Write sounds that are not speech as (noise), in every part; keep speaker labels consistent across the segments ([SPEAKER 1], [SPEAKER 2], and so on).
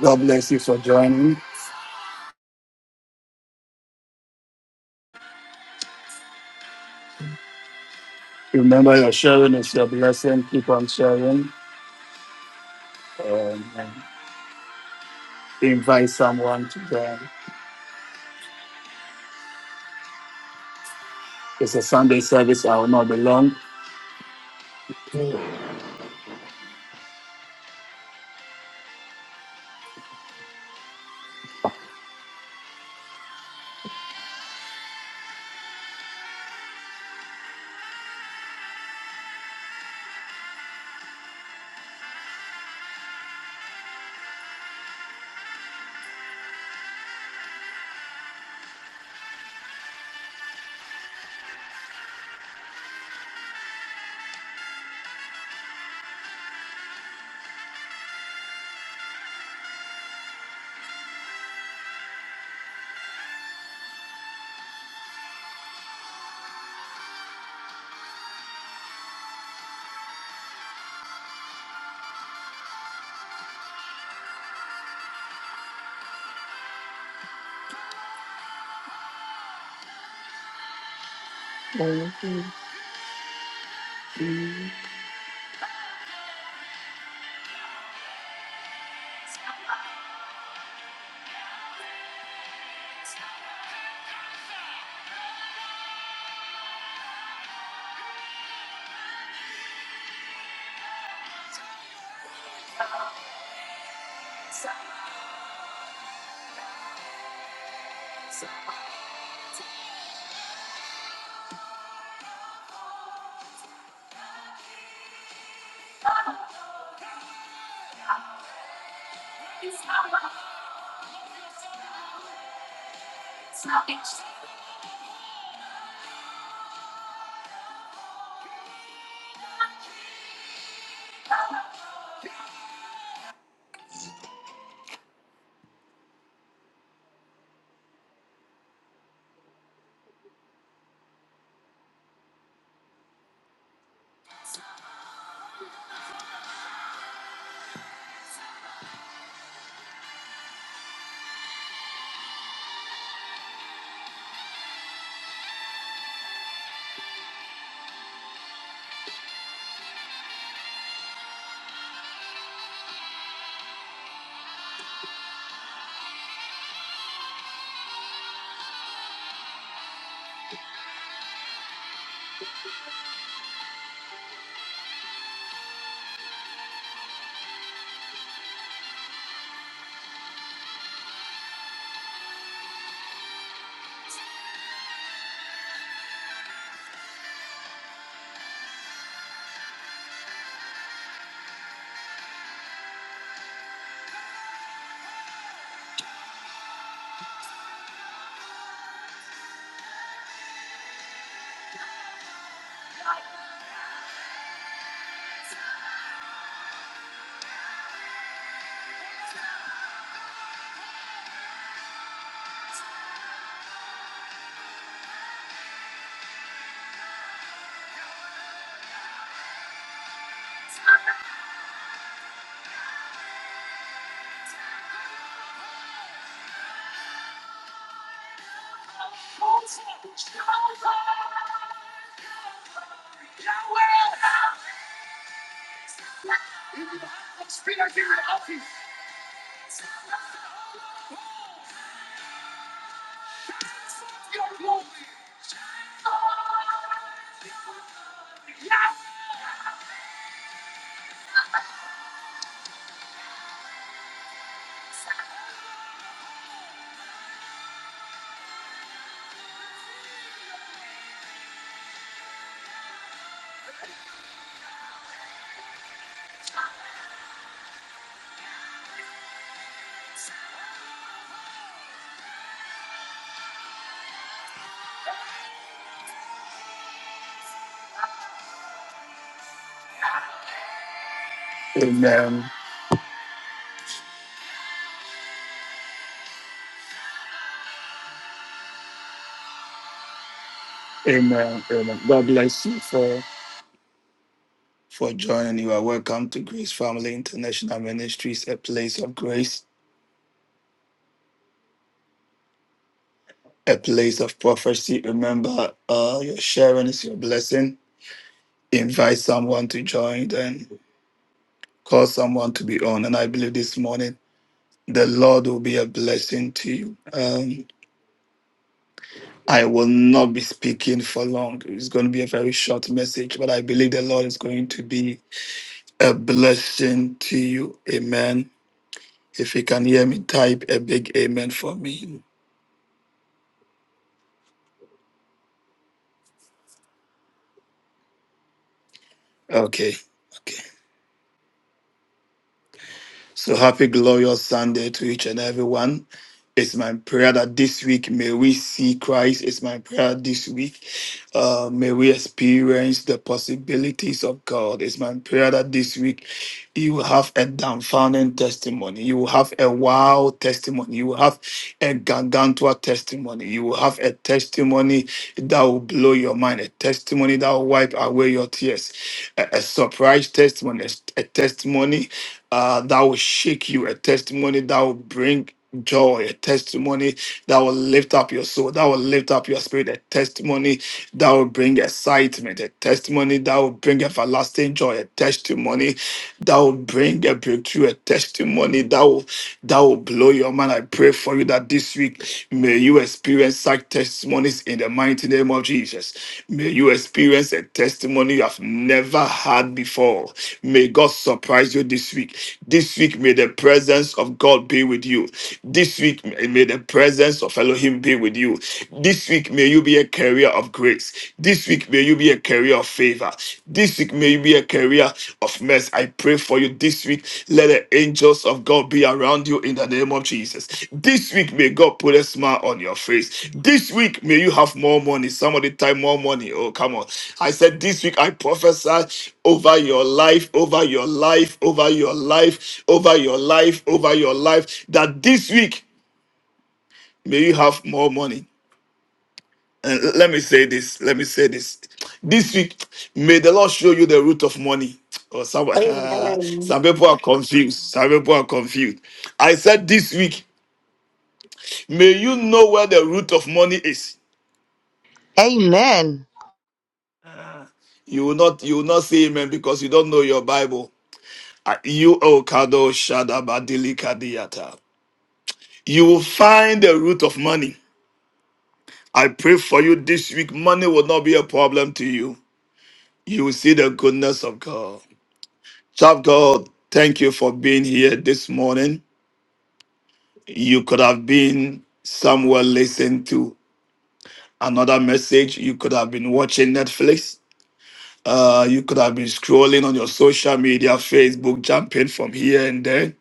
[SPEAKER 1] God bless you for joining. Remember, your sharing is your blessing. Keep on sharing. Um, and invite someone to join. It's a Sunday service. I will not be long. Amen. Amen. Amen. God bless you for for joining. You are welcome to Grace Family International Ministries, a place of grace, a place of prophecy. Remember, uh, your sharing is your blessing. Invite someone to join and call someone to be on. And I believe this morning. The Lord will be a blessing to you. Um, I will not be speaking for long. It's going to be a very short message, but I believe the Lord is going to be a blessing to you. Amen. If you can hear me, type a big amen for me. Okay. Okay. So happy, glorious Sunday to each and everyone. It's my prayer that this week may we see Christ. It's my prayer this week. Uh, may we experience the possibilities of God. It's my prayer that this week you will have a dumbfounding testimony. You will have a wow testimony. You will have a gargantua testimony. You will have a testimony that will blow your mind, a testimony that will wipe away your tears, a, a surprise testimony, a a testimony uh, that will shake you, a testimony that will bring joy, a testimony that will lift up your soul, that will lift up your spirit, a testimony that will bring excitement, a testimony that will bring everlasting joy, a testimony that will bring a breakthrough, a testimony that will that will blow your mind. I pray for you that this week may you experience such testimonies in the mighty name of Jesus. May you experience a testimony you have never had before. May God surprise you this week. This week may the presence of God be with you. This week may the presence of Elohim be with you you. This week, may you be a carrier of grace. This week, may you be a carrier of favor. This week, may you be a carrier of mercy. I pray for you this week. Let the angels of God be around you in the name of Jesus. This week, may God put a smile on your face. This week, may you have more money. Somebody type more money. Oh, come on. I said, This week, I prophesy over your life, over your life, over your life, over your life, over your life, that this week, may you have more money. And let me say this. Let me say this. This week, may the Lord show you the root of money. Or some, (laughs)
[SPEAKER 2] Amen.
[SPEAKER 1] some people are confused. Some people are confused. I said this week, may you know where the root of money is.
[SPEAKER 3] Amen.
[SPEAKER 1] You will not, you will not say amen because you don't know your Bible. Ah, You oh Kado Shadabadili Kadiyata. You will find the root of money. I pray for you this week. Money will not be a problem to you. You will see the goodness of God. Child of God, thank you for being here this morning. You could have been somewhere listening to another message. You could have been watching Netflix. Uh, you could have been scrolling on your social media, Facebook, jumping from here and there.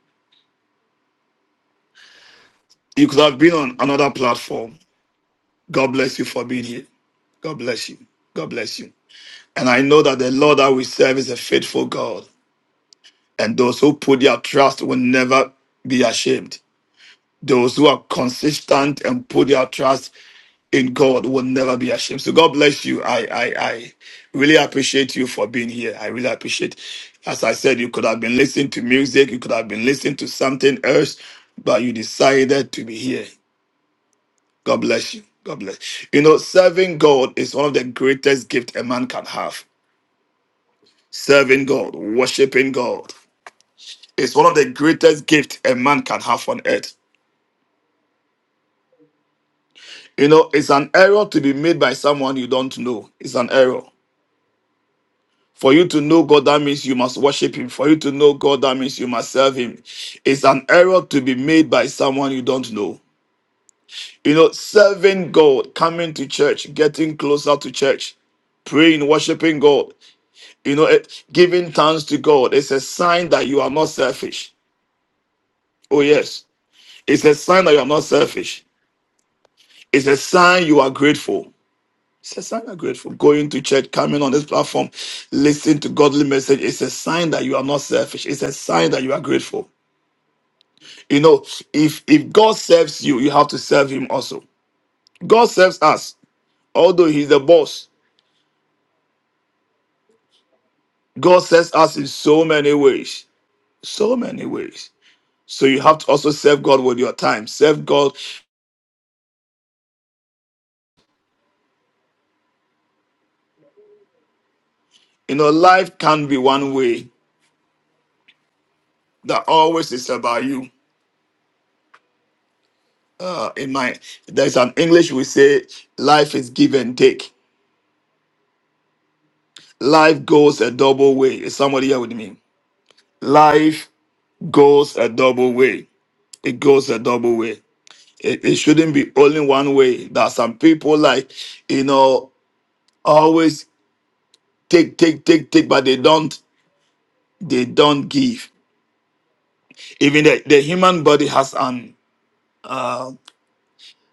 [SPEAKER 1] You could have been on another platform. God bless you for being here. God bless you. God bless you. And I know that the Lord that we serve is a faithful God. And those who put their trust will never be ashamed. Those who are consistent and put their trust in God will never be ashamed. So God bless you. I, I, I really appreciate you for being here. I really appreciate. As I said, you could have been listening to music, you could have been listening to something else, but you decided to be here. God bless you. God bless. You know, serving God is one of the greatest gift a man can have. Serving God, worshiping God, is one of the greatest gift a man can have on earth. You know, it's an error to be made by someone you don't know. It's an error. For you to know God, that means you must worship Him. For you to know God, that means you must serve Him. It's an error to be made by someone you don't know. You know, serving God, coming to church, getting closer to church, praying, worshiping God, you know, eh, giving thanks to God, it's a sign that you are not selfish. Oh, yes. It's a sign that you are not selfish. It's a sign you are grateful. It's a sign of grateful. Going to church, coming on this platform, listening to godly message. It's a sign that you are not selfish. It's a sign that you are grateful. You know, if if God serves you, you have to serve Him also. God serves us, although He's the boss. God serves us in so many ways, so many ways. So you have to also serve God with your time. Serve God. You know, life can not be one way. That always is about you. Uh, in my there's an English we say, life is give and take Life goes a double way. Is somebody here with me? Life goes a double way. It goes a double way. It, it shouldn't be only one way. That some people like, you know, always take, take, take, take, but they don't, they don't give. Even the, the human body has an uh,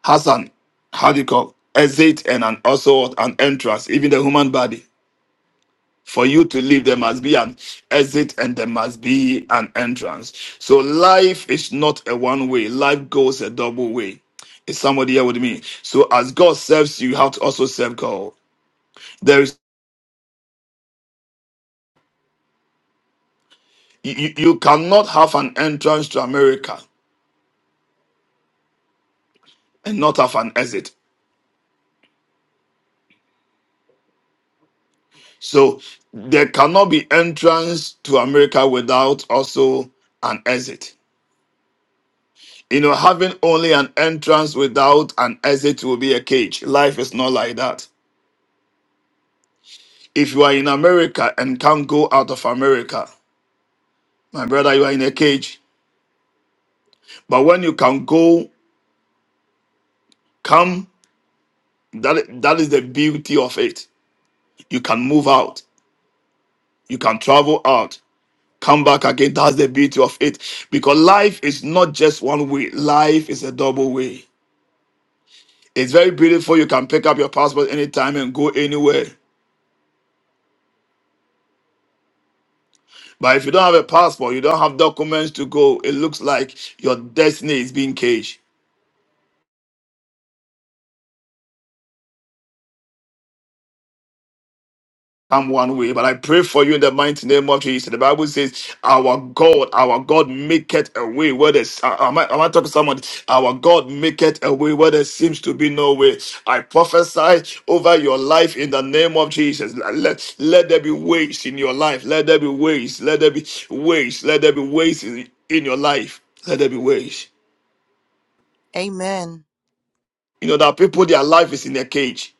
[SPEAKER 1] has an how do you call exit and an also an entrance. Even the human body. For you to live, there must be an exit and there must be an entrance. So life is not a one way, life goes a double way. Is somebody here with me? So as God serves you, you have to also serve God. There is you, you you cannot have an entrance to America and not have an exit. So there cannot be entrance to America without also an exit. You know, having only an entrance without an exit will be a cage. Life is not like that. If you are in America and can't go out of America, my brother, you are in a cage. But when you can go, come, that, that is the beauty of it. You can move out, you can travel out, come back again. That's the beauty of it. Because life is not just one way, life is a double way. It's very beautiful. You can pick up your passport anytime and go anywhere. But if you don't have a passport, you don't have documents to go, it looks like your destiny is being caged. come one way. But I pray for you in the mighty name of Jesus. The Bible says, Our God, our God maketh a way where there's, uh, am, I, am I talking to someone? Our God maketh a way where there seems to be no way. I prophesy over your life in the name of Jesus. Let, let, let there be ways in your life. Let there be ways. Let there be ways. Let there be ways in, in your life. Let there be ways.
[SPEAKER 3] Amen.
[SPEAKER 1] You know, there are people, their life is in a cage.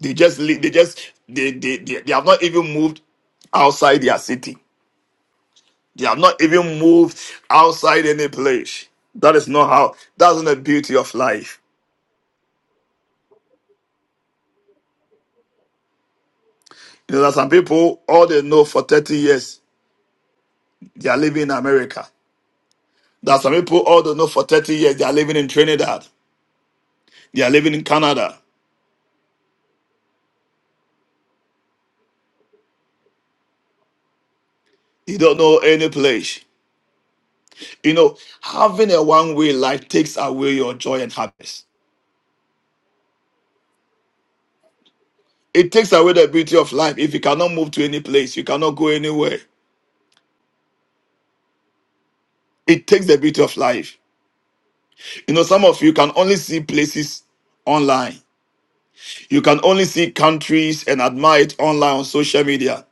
[SPEAKER 1] They just, li- they just, they, they, they, they have not even moved outside their city They have not even moved outside any place. That is not how, that's not the beauty of life. You know, there are some people, all they know for 30 years, they are living in America. There are some people, all they know for 30 years, they are living in Trinidad. They are living in Canada. You don't know any place. You know, having a one way life takes away your joy and happiness. It takes away the beauty of life. If you cannot move to any place, you cannot go anywhere. It takes the beauty of life. You know, some of you can only see places online. You can only see countries and admire it online on social media.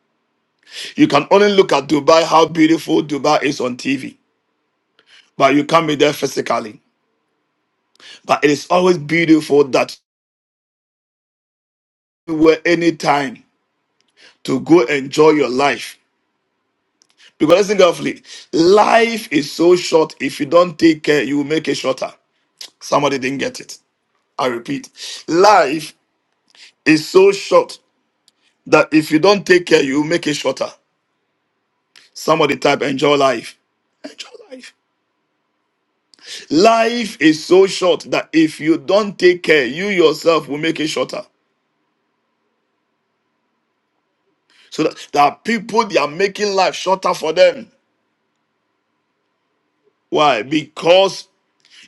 [SPEAKER 1] You can only look at Dubai, how beautiful Dubai is on TV, but you can't be there physically. But it is always beautiful that you were any time to go enjoy your life. Because listen carefully, life is so short. If you don't take care, you will make it shorter. Somebody didn't get it. I repeat, life is so short that if you don't take care, you will make it shorter. Somebody type enjoy life. Enjoy life. Life is so short that if you don't take care, you yourself will make it shorter. So that there are people they are making life shorter for them. Why? Because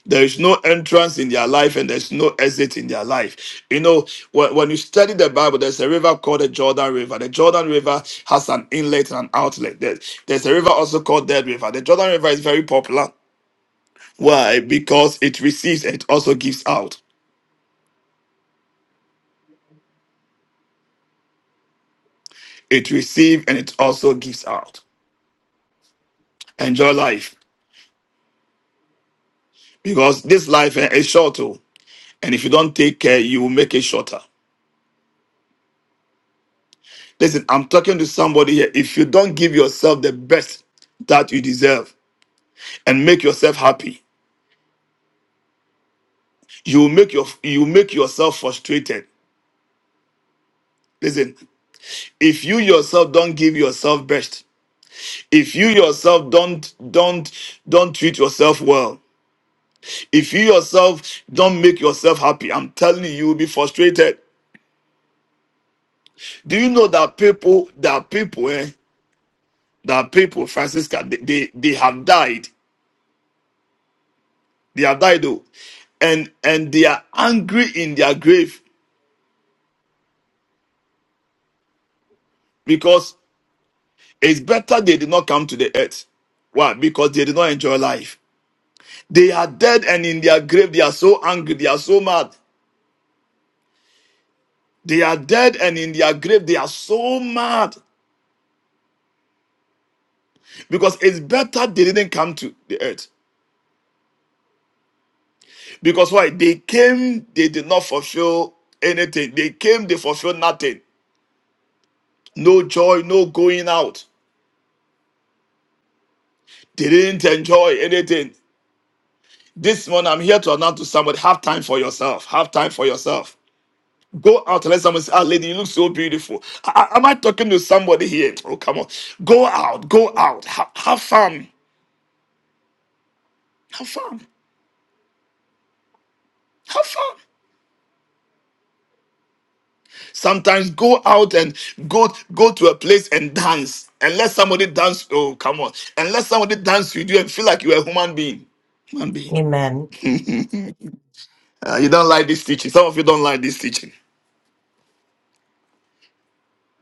[SPEAKER 1] there is no entrance in their life and there's no exit in their life. You know, when, when you study the Bible, there's a river called the Jordan River. The Jordan River has an inlet and an outlet. There- there's a river also called Dead River. The Jordan River is very popular. Why? Because it receives and it also gives out. It receives and it also gives out. Enjoy life. because this life eh, is short too. And if you don't take care, you will make it shorter. Listen, I'm talking to somebody here. If you don't give yourself the best that you deserve and make yourself happy, you will make your you will make yourself frustrated. Listen, if you yourself don't give yourself best, if you yourself don't don't don't treat yourself well, if you yourself don't make yourself happy, I'm telling you, you will be frustrated. Do you know that people that people eh, that people, Francisca, they, they, they have died. They have died though. And and they are angry in their grave because it's better they did not come to the earth. Why? Because they did not enjoy life. They are dead and in their grave they are so angry, they are so mad. They are dead and in their grave they are so mad. Because it's better they didn't come to the earth. Because why? They came, they did not fulfill anything. They came, they fulfilled nothing. No joy, no going out. They didn't enjoy anything. This morning, I'm here to announce to somebody have time for yourself. Have time for yourself. Go out and let someone say, Ah, lady, you look so beautiful. I- I- am I talking to somebody here? Oh, come on. Go out, go out. Ha- have fun. Have fun. Have fun. Sometimes go out and go go to a place and dance and let somebody dance. Oh, come on. And let somebody dance with you and feel like you're a human being. Human being.
[SPEAKER 4] Amen.
[SPEAKER 1] Uh, you don't like this teaching. Some of you don't like this teaching.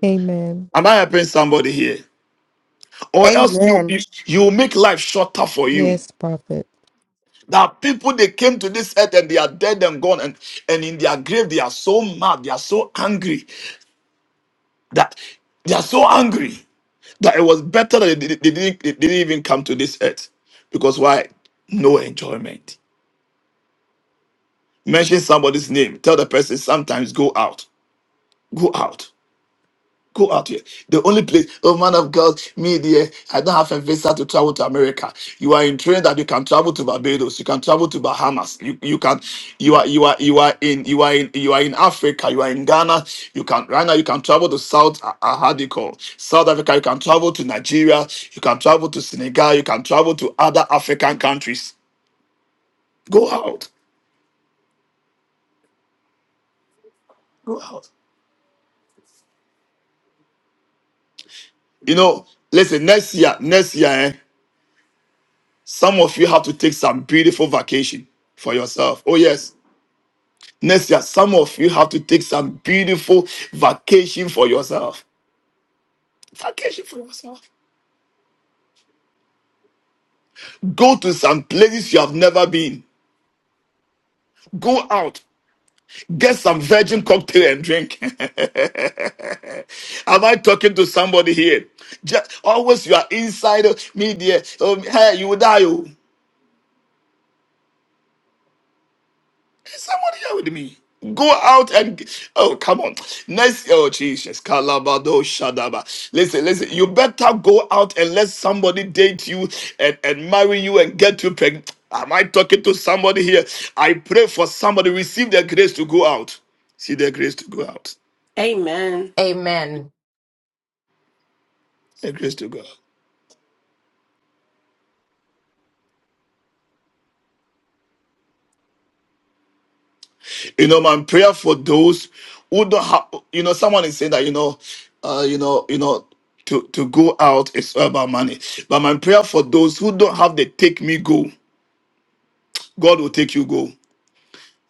[SPEAKER 5] Amen.
[SPEAKER 1] Am I helping somebody here? or else you,
[SPEAKER 3] Amen.
[SPEAKER 1] you you will make life shorter for you.
[SPEAKER 5] Yes, prophet.
[SPEAKER 1] There are people they came to this earth and they are dead and gone, and, and in their grave they are so mad, they are so angry that they are so angry that it was better that they, did- they didn't they didn't even come to this earth because why? No enjoyment. Mention somebody's name. Tell the person sometimes go out, go out. Go out here. The only place, oh man of God, me there, I don't have a visa to travel to America. You are in train that you can travel to Barbados, you can travel to Bahamas, you, you can you are you are you are in you are in you are in Africa, you are in Ghana, you can right now you can travel to South uh, uh, how do you call South Africa, you can travel to Nigeria, you can travel to Senegal, you can travel to other African countries. Go out. Go out. You know, listen, next year, next year, eh? Some of you have to take some beautiful vacation for yourself. Oh, yes. Next year, some of you have to take some beautiful vacation for yourself. Vacation for yourself. Go to some places you have never been. Go out. Get some virgin cocktail and drink. (laughs) Am I talking to somebody here? Just always you are inside of me, Um, hey, you will die. oh. Somebody here with me. Go out and oh come on. Next oh Jesus. Kalabado Shadaba. Listen, listen, you better go out and let somebody date you and, and marry you and get you pregnant. Am I talking to somebody here? I pray for somebody receive their grace to go out. See their grace to go out.
[SPEAKER 2] Amen.
[SPEAKER 4] Amen.
[SPEAKER 1] Their grace to go out. You know, my prayer for those who don't have, you know, someone is saying that, you know, uh, you know, you know, to, to go out is all about money. But my prayer for those who don't have the take me go, God will take you go.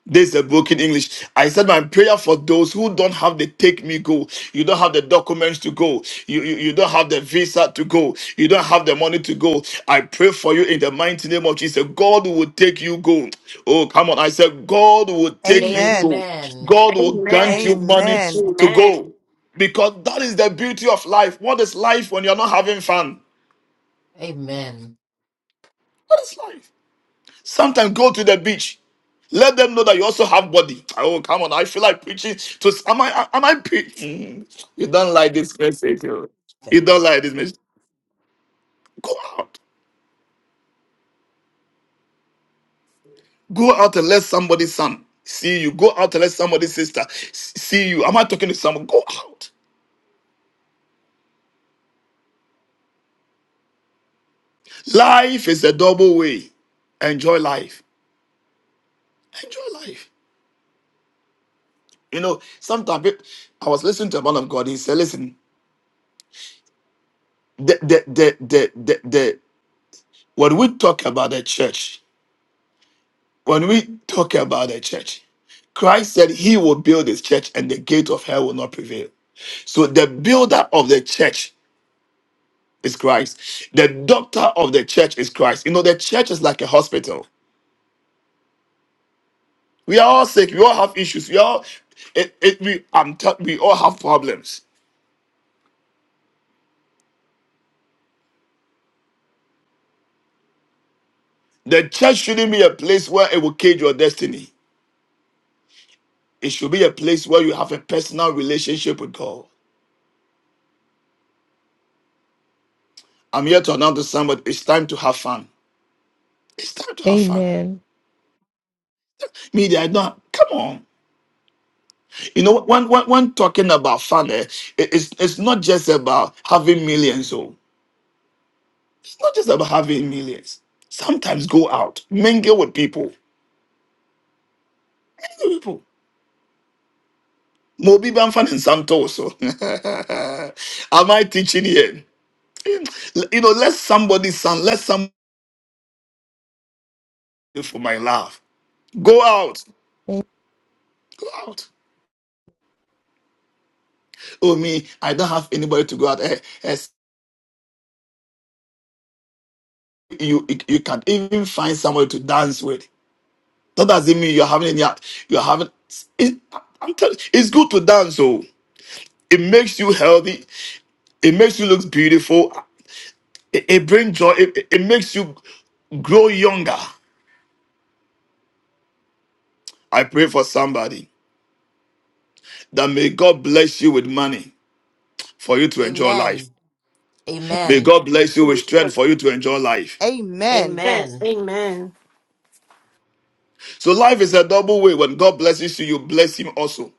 [SPEAKER 1] This is a broken English. I said my prayer for those who don't have the take me go. You don't have the documents to go. You, you, you don't have the visa to go. You don't have the money to go. I pray for you in the mighty name of Jesus. God will take you go. Oh, come on. I said, God will take you
[SPEAKER 3] Amen.
[SPEAKER 1] go.
[SPEAKER 4] Amen.
[SPEAKER 1] God will grant you
[SPEAKER 2] Amen.
[SPEAKER 1] money
[SPEAKER 3] Amen.
[SPEAKER 1] to go.
[SPEAKER 2] Amen.
[SPEAKER 1] Because that is the beauty of life. What is life when you're not having fun?
[SPEAKER 4] Amen.
[SPEAKER 1] What is life? Sometimes go to the beach. Let them know that you also have body. (tsk) Oh, come on. I feel like preaching to am I am I preaching? (laughs) You don't like this message. oh. You don't like this message. Go out. Go out and let somebody's son see you. Go out and let somebody's sister s- see you. Am I talking to someone? Go out. Life is a double way. Enjoy life. Enjoy life. You know, sometimes it- I was listening to a man of God. He said, listen, the the the the the, the when we talk about the church, When we talk about the church, Christ said he will build his church and the gate of hell will not prevail. So the builder of the church is Christ. The doctor of the church is Christ. You know, the church is like a hospital. We are all sick. We all have issues. We all, it, it, we, I'm tell we all have problems. The church shouldn't be a place where it will cage your destiny. It should be a place where you have a personal relationship with God. I'm here to announce to somebody it's time to have fun. It's time to have fun.
[SPEAKER 5] Amen.
[SPEAKER 1] Media, I don't come on. You know, when when, when talking about fun, eh, it- it's it's not just about having millions. Oh, it's not just about having millions. Sometimes go out, mingle with people, mingle with people. Mobi Banfan and Santo also. (laughs) Am I teaching here? You know, let somebody sound, let somebody for my love. Go out,
[SPEAKER 5] A-
[SPEAKER 1] go out. Oh me, I don't have anybody to go out. Eh, eh, you you can even find somebody to dance with. That doesn't mean you're having any. You're having. It, I'm telling. you, It's good to dance. So it makes you healthy. It makes you look beautiful. It, it brings joy. It, it it makes you grow younger. I pray for somebody that may God bless you with money for you to enjoy life.
[SPEAKER 4] Amen.
[SPEAKER 1] May
[SPEAKER 4] Amen.
[SPEAKER 1] God bless you with strength for you to enjoy life.
[SPEAKER 3] Amen.
[SPEAKER 2] Yes.
[SPEAKER 4] Amen.
[SPEAKER 2] Amen.
[SPEAKER 1] So life is a double way. When God blesses you, you bless Him also.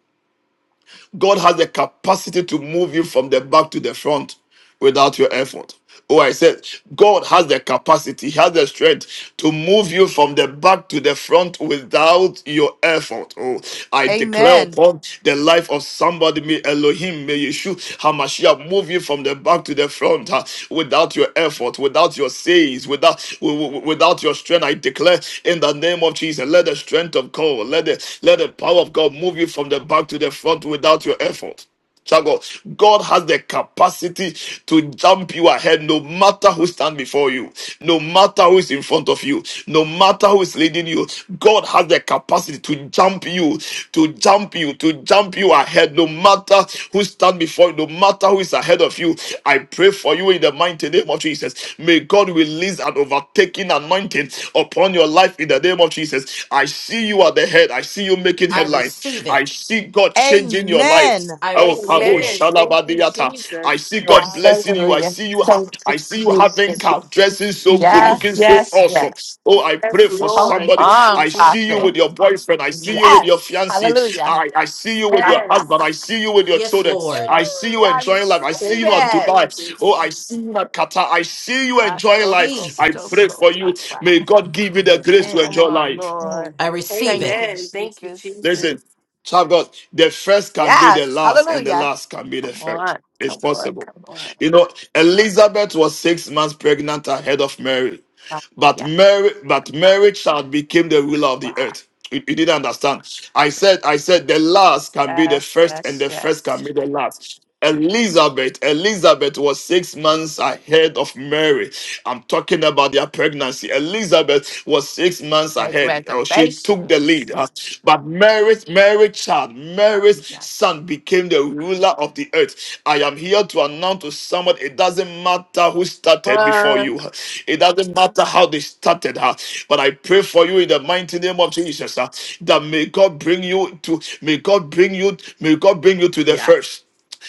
[SPEAKER 1] God has the capacity to move you from the back to the front without your effort. Oh, I said, God has the capacity, He has the strength to move you from the back to the front without your effort. Oh, I declare
[SPEAKER 3] Amen.
[SPEAKER 1] upon the life of somebody, may Elohim, may Yeshua, Hamashiach, move you from the back to the front huh, without your effort, without your says, without wi- wi- without your strength. I declare in the name of Jesus, let the strength of God, let the let the power of God move you leap from the back to the front without your effort. Child God God has the capacity to jump you ahead no matter who stands before you, no matter who is in front of you, no matter who is leading you. God has the capacity to jump you, to jump you, to jump you ahead no matter who stands before you, no matter who is ahead of you. I pray for you in the mighty name of Jesus. May God release an overtaking anointing upon your life in the name of Jesus. I see you at the head. I I see you making
[SPEAKER 4] I
[SPEAKER 1] headlines.
[SPEAKER 4] receive
[SPEAKER 1] I
[SPEAKER 4] it.
[SPEAKER 1] see God changing your life.
[SPEAKER 3] Amen.
[SPEAKER 4] I
[SPEAKER 1] Oh,
[SPEAKER 4] receive
[SPEAKER 1] Kabo
[SPEAKER 4] it.
[SPEAKER 2] Amen. Thank you,
[SPEAKER 1] Shalabadiata. I
[SPEAKER 2] Jesus.
[SPEAKER 1] see God blessing you. I
[SPEAKER 6] Hallelujah.
[SPEAKER 1] see you. ha-
[SPEAKER 6] Thank you,
[SPEAKER 1] I see you having
[SPEAKER 6] Jesus.
[SPEAKER 1] car, dressing so good,
[SPEAKER 6] Yes,
[SPEAKER 1] looking so
[SPEAKER 4] Jesus.
[SPEAKER 6] yes, yes.
[SPEAKER 1] awesome. Oh, I
[SPEAKER 2] Yes,
[SPEAKER 1] pray for
[SPEAKER 6] Come
[SPEAKER 2] Lord.
[SPEAKER 1] somebody.
[SPEAKER 2] Thank you,
[SPEAKER 6] on,
[SPEAKER 1] I see you
[SPEAKER 6] prophet.
[SPEAKER 2] Jesus.
[SPEAKER 1] with your boyfriend. I see you with your
[SPEAKER 6] Yes.
[SPEAKER 1] fiancee.
[SPEAKER 6] Hallelujah. (laughs)
[SPEAKER 1] I, I see you with your husband.
[SPEAKER 2] Yes.
[SPEAKER 1] I see you with your
[SPEAKER 4] Yes,
[SPEAKER 1] children.
[SPEAKER 4] Lord.
[SPEAKER 1] I see you
[SPEAKER 6] Ah, I
[SPEAKER 1] enjoying life.
[SPEAKER 6] receive
[SPEAKER 1] I see
[SPEAKER 2] Thank
[SPEAKER 1] you at
[SPEAKER 2] you,
[SPEAKER 6] it.
[SPEAKER 1] Dubai. Oh, I
[SPEAKER 2] Jesus.
[SPEAKER 1] see you at Qatar. I see you
[SPEAKER 6] Ah,
[SPEAKER 1] enjoying
[SPEAKER 6] toko,
[SPEAKER 1] life. I pray
[SPEAKER 4] Jesus.
[SPEAKER 6] toko,
[SPEAKER 1] for you.
[SPEAKER 6] ba, ba.
[SPEAKER 1] May God give you the grace to
[SPEAKER 7] Amen.
[SPEAKER 6] Come
[SPEAKER 1] enjoy
[SPEAKER 6] on,
[SPEAKER 1] life.
[SPEAKER 6] Lord.
[SPEAKER 4] I receive
[SPEAKER 6] Thank
[SPEAKER 4] it.
[SPEAKER 6] you,
[SPEAKER 2] Amen. Thank you,
[SPEAKER 6] Jesus.
[SPEAKER 1] Listen,
[SPEAKER 2] Jesus.
[SPEAKER 1] child of God, the first can be the
[SPEAKER 6] Yes.
[SPEAKER 1] last, and the
[SPEAKER 6] Hallelujah.
[SPEAKER 1] last can be the
[SPEAKER 6] Come
[SPEAKER 1] first.
[SPEAKER 6] on.
[SPEAKER 1] It's
[SPEAKER 6] Come on.
[SPEAKER 1] possible.
[SPEAKER 6] Come on.
[SPEAKER 1] You know, Elizabeth was six months pregnant ahead of Mary,
[SPEAKER 6] Ah,
[SPEAKER 1] but
[SPEAKER 6] Yes.
[SPEAKER 1] Mary, but Mary child became the ruler of the
[SPEAKER 6] Wow.
[SPEAKER 1] earth. You, you didn't understand. I said, I said, the last can be the
[SPEAKER 6] Yes,
[SPEAKER 1] first, and
[SPEAKER 6] yes,
[SPEAKER 1] the first can be
[SPEAKER 6] yes.
[SPEAKER 1] the last. Elizabeth, Elizabeth was six months ahead of Mary. I'm talking about their pregnancy. Elizabeth was six months
[SPEAKER 6] Make
[SPEAKER 1] ahead. Oh, she took the lead.
[SPEAKER 6] reservations.
[SPEAKER 1] huh? But Mary's Mary child,
[SPEAKER 6] Ah,
[SPEAKER 1] Mary's
[SPEAKER 6] Yes.
[SPEAKER 1] son became the ruler of the earth. I am here to announce to someone it doesn't matter who started before
[SPEAKER 6] One.
[SPEAKER 1] you, it doesn't matter how they started her. But I pray for you in the mighty name of Jesus uh, that may God bring you to may God bring you may God bring you to the
[SPEAKER 6] Yes.
[SPEAKER 1] first.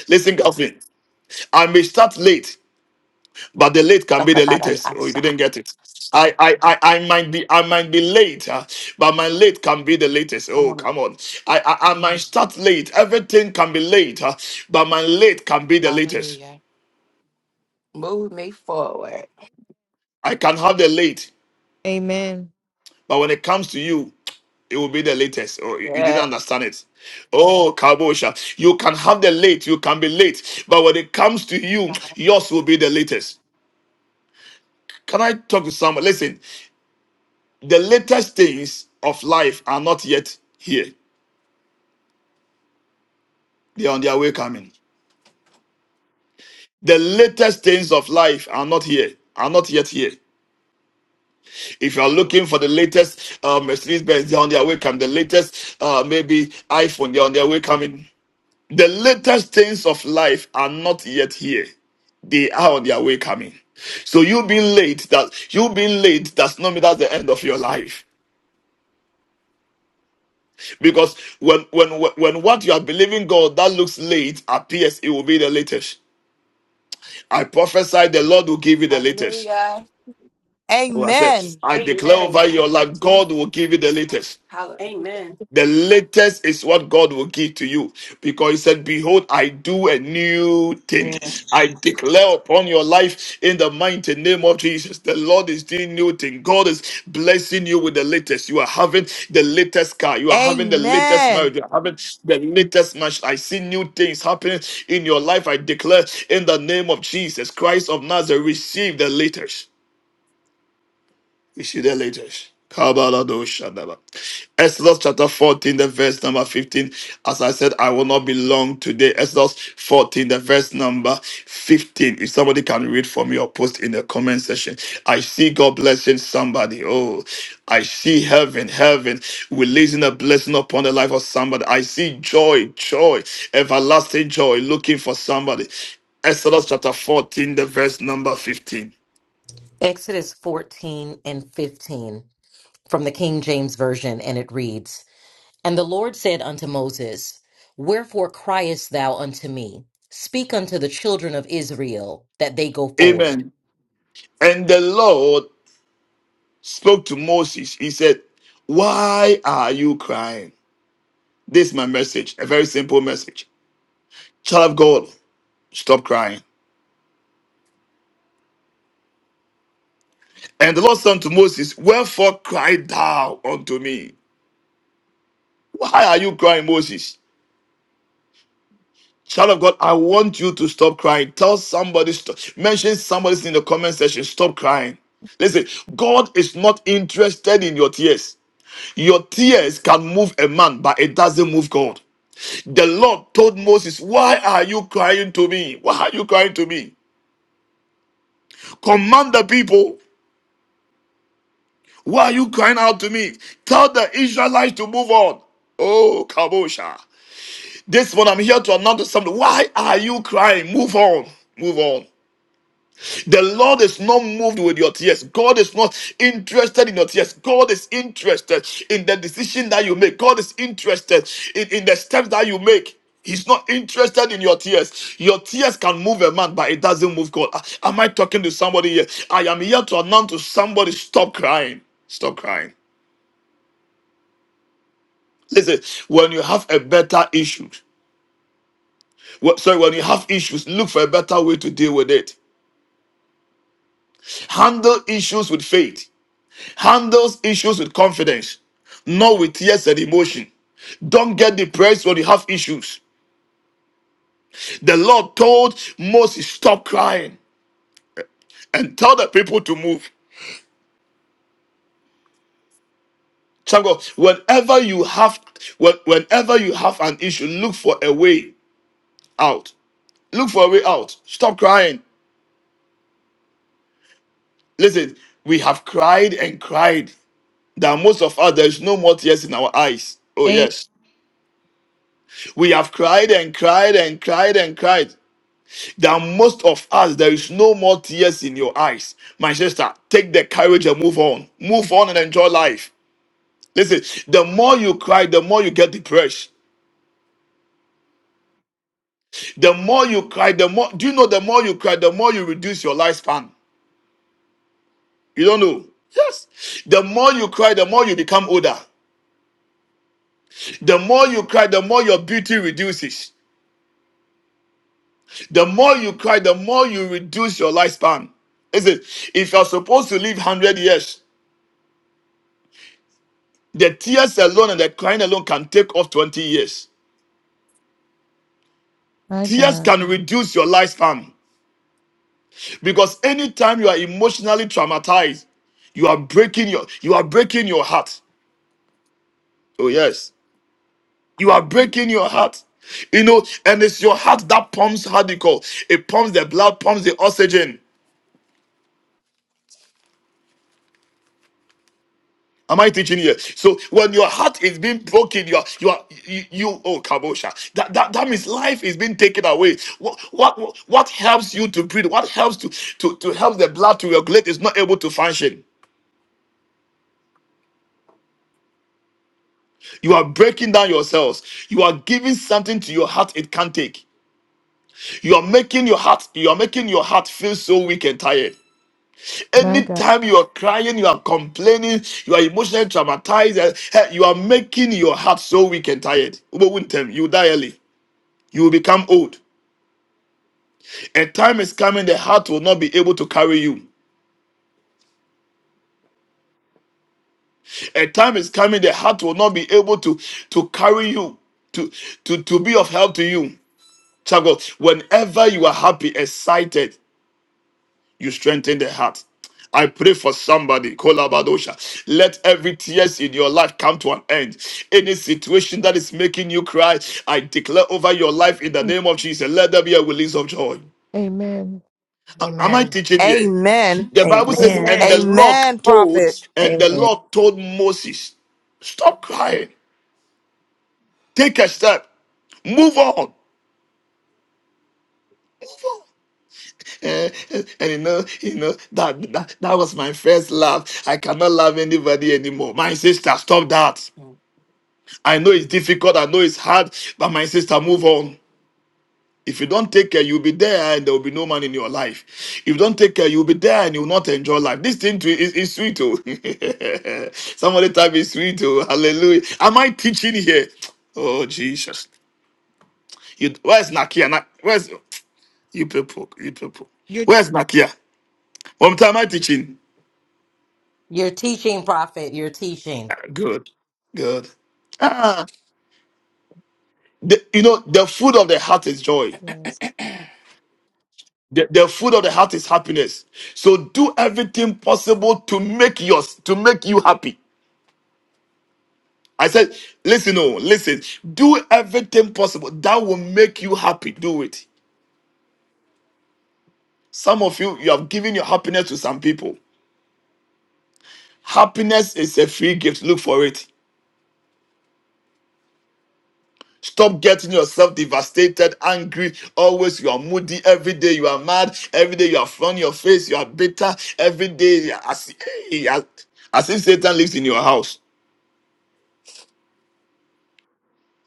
[SPEAKER 1] Listen, Calvin. I may start late, but the late can
[SPEAKER 6] Talk
[SPEAKER 1] be the
[SPEAKER 6] about it
[SPEAKER 1] latest. Oh, you
[SPEAKER 6] outside.
[SPEAKER 1] didn't get it. I I I, I might be I might be late, uh, but my late can be the latest.
[SPEAKER 6] Come
[SPEAKER 1] Oh,
[SPEAKER 6] on.
[SPEAKER 1] come on. I I, I might start late. Everything can be late, uh, but my late can be the latest.
[SPEAKER 6] Hallelujah. Move me forward.
[SPEAKER 1] I can have the late,
[SPEAKER 5] Amen.
[SPEAKER 1] but when it comes to you, it will be the latest. Oh, you you didn't
[SPEAKER 6] Yeah.
[SPEAKER 1] understand it. Oh, Kabosha, you can have the late, you can be late, but when it comes to you, yours will be the latest. Can I talk to someone? Listen, The latest things of life are not yet here. They are on their way coming. The latest things of life are not here, are not yet here. If you are looking for the latest uh, Mercedes Benz, they're on their way coming. The latest, uh, maybe iPhone, they're on their way coming. The latest things of life are not yet here. They are on their way coming. So you being late, that you being late does not mean that's the end of your life. Because when when when what you are believing God that looks late appears, it will be the latest. I prophesy the Lord will give you the latest.
[SPEAKER 6] Hallelujah.
[SPEAKER 1] Oh, I said,
[SPEAKER 3] Amen.
[SPEAKER 1] I declare
[SPEAKER 2] Amen.
[SPEAKER 1] over
[SPEAKER 2] Thank
[SPEAKER 1] your
[SPEAKER 2] you,
[SPEAKER 1] life,
[SPEAKER 2] Jesus.
[SPEAKER 1] God will give you the latest.
[SPEAKER 6] Hallelujah.
[SPEAKER 2] Amen.
[SPEAKER 1] The latest is what God will give to you because He said, Behold, I do a new thing.
[SPEAKER 7] Amen.
[SPEAKER 1] I declare upon your life in the mighty name of Jesus. The Lord is doing new thing. God is blessing you with the latest. You are having the latest car. You are having the latest marriage.
[SPEAKER 3] Amen.
[SPEAKER 1] You are having the latest match. I see new things happening in your life. I declare in the name of Jesus Christ of Nazareth, receive the latest. We see that later. Kabaladoshandaba. Exodus chapter 14, the verse number 15. As I said, I will not be long today. Exodus 14, the verse number 15. If somebody can read for me or post in the comment section. I see God blessing somebody. Oh, I see heaven, heaven releasing a blessing upon the life of somebody. I see joy, joy, everlasting joy looking for somebody. Exodus chapter 14, the verse number 15.
[SPEAKER 4] Exodus 14 and 15 from the King James Version, and it reads And the Lord said unto Moses, Wherefore criest thou unto me? Speak unto the children of Israel that they go forward.
[SPEAKER 1] Amen. And the Lord spoke to Moses. He said, Why are you crying? This is my message, a very simple message. Child of God, stop crying. And the Lord said unto Moses, Wherefore cry thou unto me? Why are you crying, Moses? Child of God, I want you to stop crying. Tell somebody, stop. mention somebody in the comment section, stop crying. Listen, God is not interested in your tears. Your tears can move a man, but it doesn't move God. The Lord told Moses, Why are you crying to me? Why are you crying to me? Command the people. Why are you crying out to me? Tell the Israelites to move on. Oh, Kabosha. This one, I'm here to announce something. Why are you crying? Move on. Move on. The Lord is not moved with your tears. God is not interested in your tears. God is interested in the decision that you make. God is interested in, in the steps that you make. He's not interested in your tears. Your tears can move a man, but it doesn't move God. A- Am I talking to somebody here? I am here to announce to somebody stop crying. Stop crying. Listen, when you have a better issue, wh- sorry, when you have issues, look for a better way to deal with it. Handle issues with faith. handles issues with confidence, not with tears and emotion. Don't get depressed when you have issues. The Lord told Moses, stop crying and tell the people to move. Child of God, whenever you have when- whenever you have an issue, look for a way out. Look for a way out. Stop crying. Listen, we have cried and cried that most of us there is no more tears in our eyes. Oh
[SPEAKER 5] A-
[SPEAKER 1] yes. We have cried and cried and cried and cried. that most of us there is no more tears in your eyes my sister take the courage and move on move on and enjoy life listen the more you cry the more you get depressed the more you cry the more do you know the more you cry the more you reduce your lifespan you don't know yes the more you cry the more you become older the more you cry the more your beauty reduces the more you cry the more you reduce your lifespan listen if you're supposed to live 100 years The tears alone and the crying alone can take off 20 years.
[SPEAKER 5] my
[SPEAKER 1] Tears
[SPEAKER 5] God.
[SPEAKER 1] can reduce your lifespan because anytime you are emotionally traumatized, you are breaking your you are breaking your heart. Oh yes, you are breaking your heart. You know, and it's your heart that pumps how do you call it pumps the blood, pumps the oxygen. Am I teaching here? So when your heart is being broken, you are you are you, you oh kabosha. That, that that means life is being taken away. What what what helps you to breathe? What helps to to to help the blood to regulate is not able to function. You are breaking down yourselves. You are giving something to your heart it can't take. You are making your heart you are making your heart feel so weak and tired.
[SPEAKER 5] My God.
[SPEAKER 1] Anytime you are crying, you are complaining, you are emotionally traumatized, eh, eh, you are making your heart so weak and tired. Ubo wouldn't tell me, You die early. You will become old. A time is coming, the heart will not be able to carry you. A time is coming, the heart will not be able to, to carry you, to, to, to be of help to you. Child of God, whenever you are happy, excited, you strengthen the heart. I pray for somebody, Kolabadosha. Let every tears in your life come to an end. Any situation that is making you cry, I declare over your life in the
[SPEAKER 5] Mm.
[SPEAKER 1] name of Jesus. Let there be a release of joy.
[SPEAKER 5] Amen.
[SPEAKER 1] A- Am I
[SPEAKER 4] Amen.
[SPEAKER 1] teaching here?
[SPEAKER 3] Amen.
[SPEAKER 1] The Bible says,
[SPEAKER 7] Amen.
[SPEAKER 1] and the
[SPEAKER 2] Amen.
[SPEAKER 1] Lord
[SPEAKER 3] Amen,
[SPEAKER 1] told,
[SPEAKER 3] prophet.
[SPEAKER 1] and the
[SPEAKER 7] Amen.
[SPEAKER 1] Lord told Moses, stop crying, take a step, move on, move on. Eh, eh, and you know, you know that, that that was my first love. I cannot love anybody anymore. My sister, stop that. I know it's difficult. I know it's hard, but my sister, move on. If you don't take care, you'll be there and there will be no man in your life. If you don't take care, you'll be there and you'll not enjoy life. This thing too is, is sweet, oh. (laughs) Somebody type is sweet, oh. Hallelujah. Am I teaching here? Oh, Jesus. You, where's Nakia? Na- Where's you people? You people.
[SPEAKER 5] Your t-
[SPEAKER 1] Where's Nakia? What am I teaching?
[SPEAKER 4] You're teaching, prophet. You're teaching.
[SPEAKER 1] Ah, Good. Good. Ah, the, you know, the food of the heart is joy.
[SPEAKER 5] yes.
[SPEAKER 1] The, the food of the heart is happiness. So do everything possible to make yours, to make you happy. I said, listen, oh, listen, do everything possible that will make you happy. Do it. Some of you, you have given your happiness to some people. Happiness is a free gift. Look for it. Stop getting yourself devastated, angry. Always you are moody. Every day you are mad. Every day you are front your face. You are bitter. Every day you are as, eh, as, as if Satan lives in your house.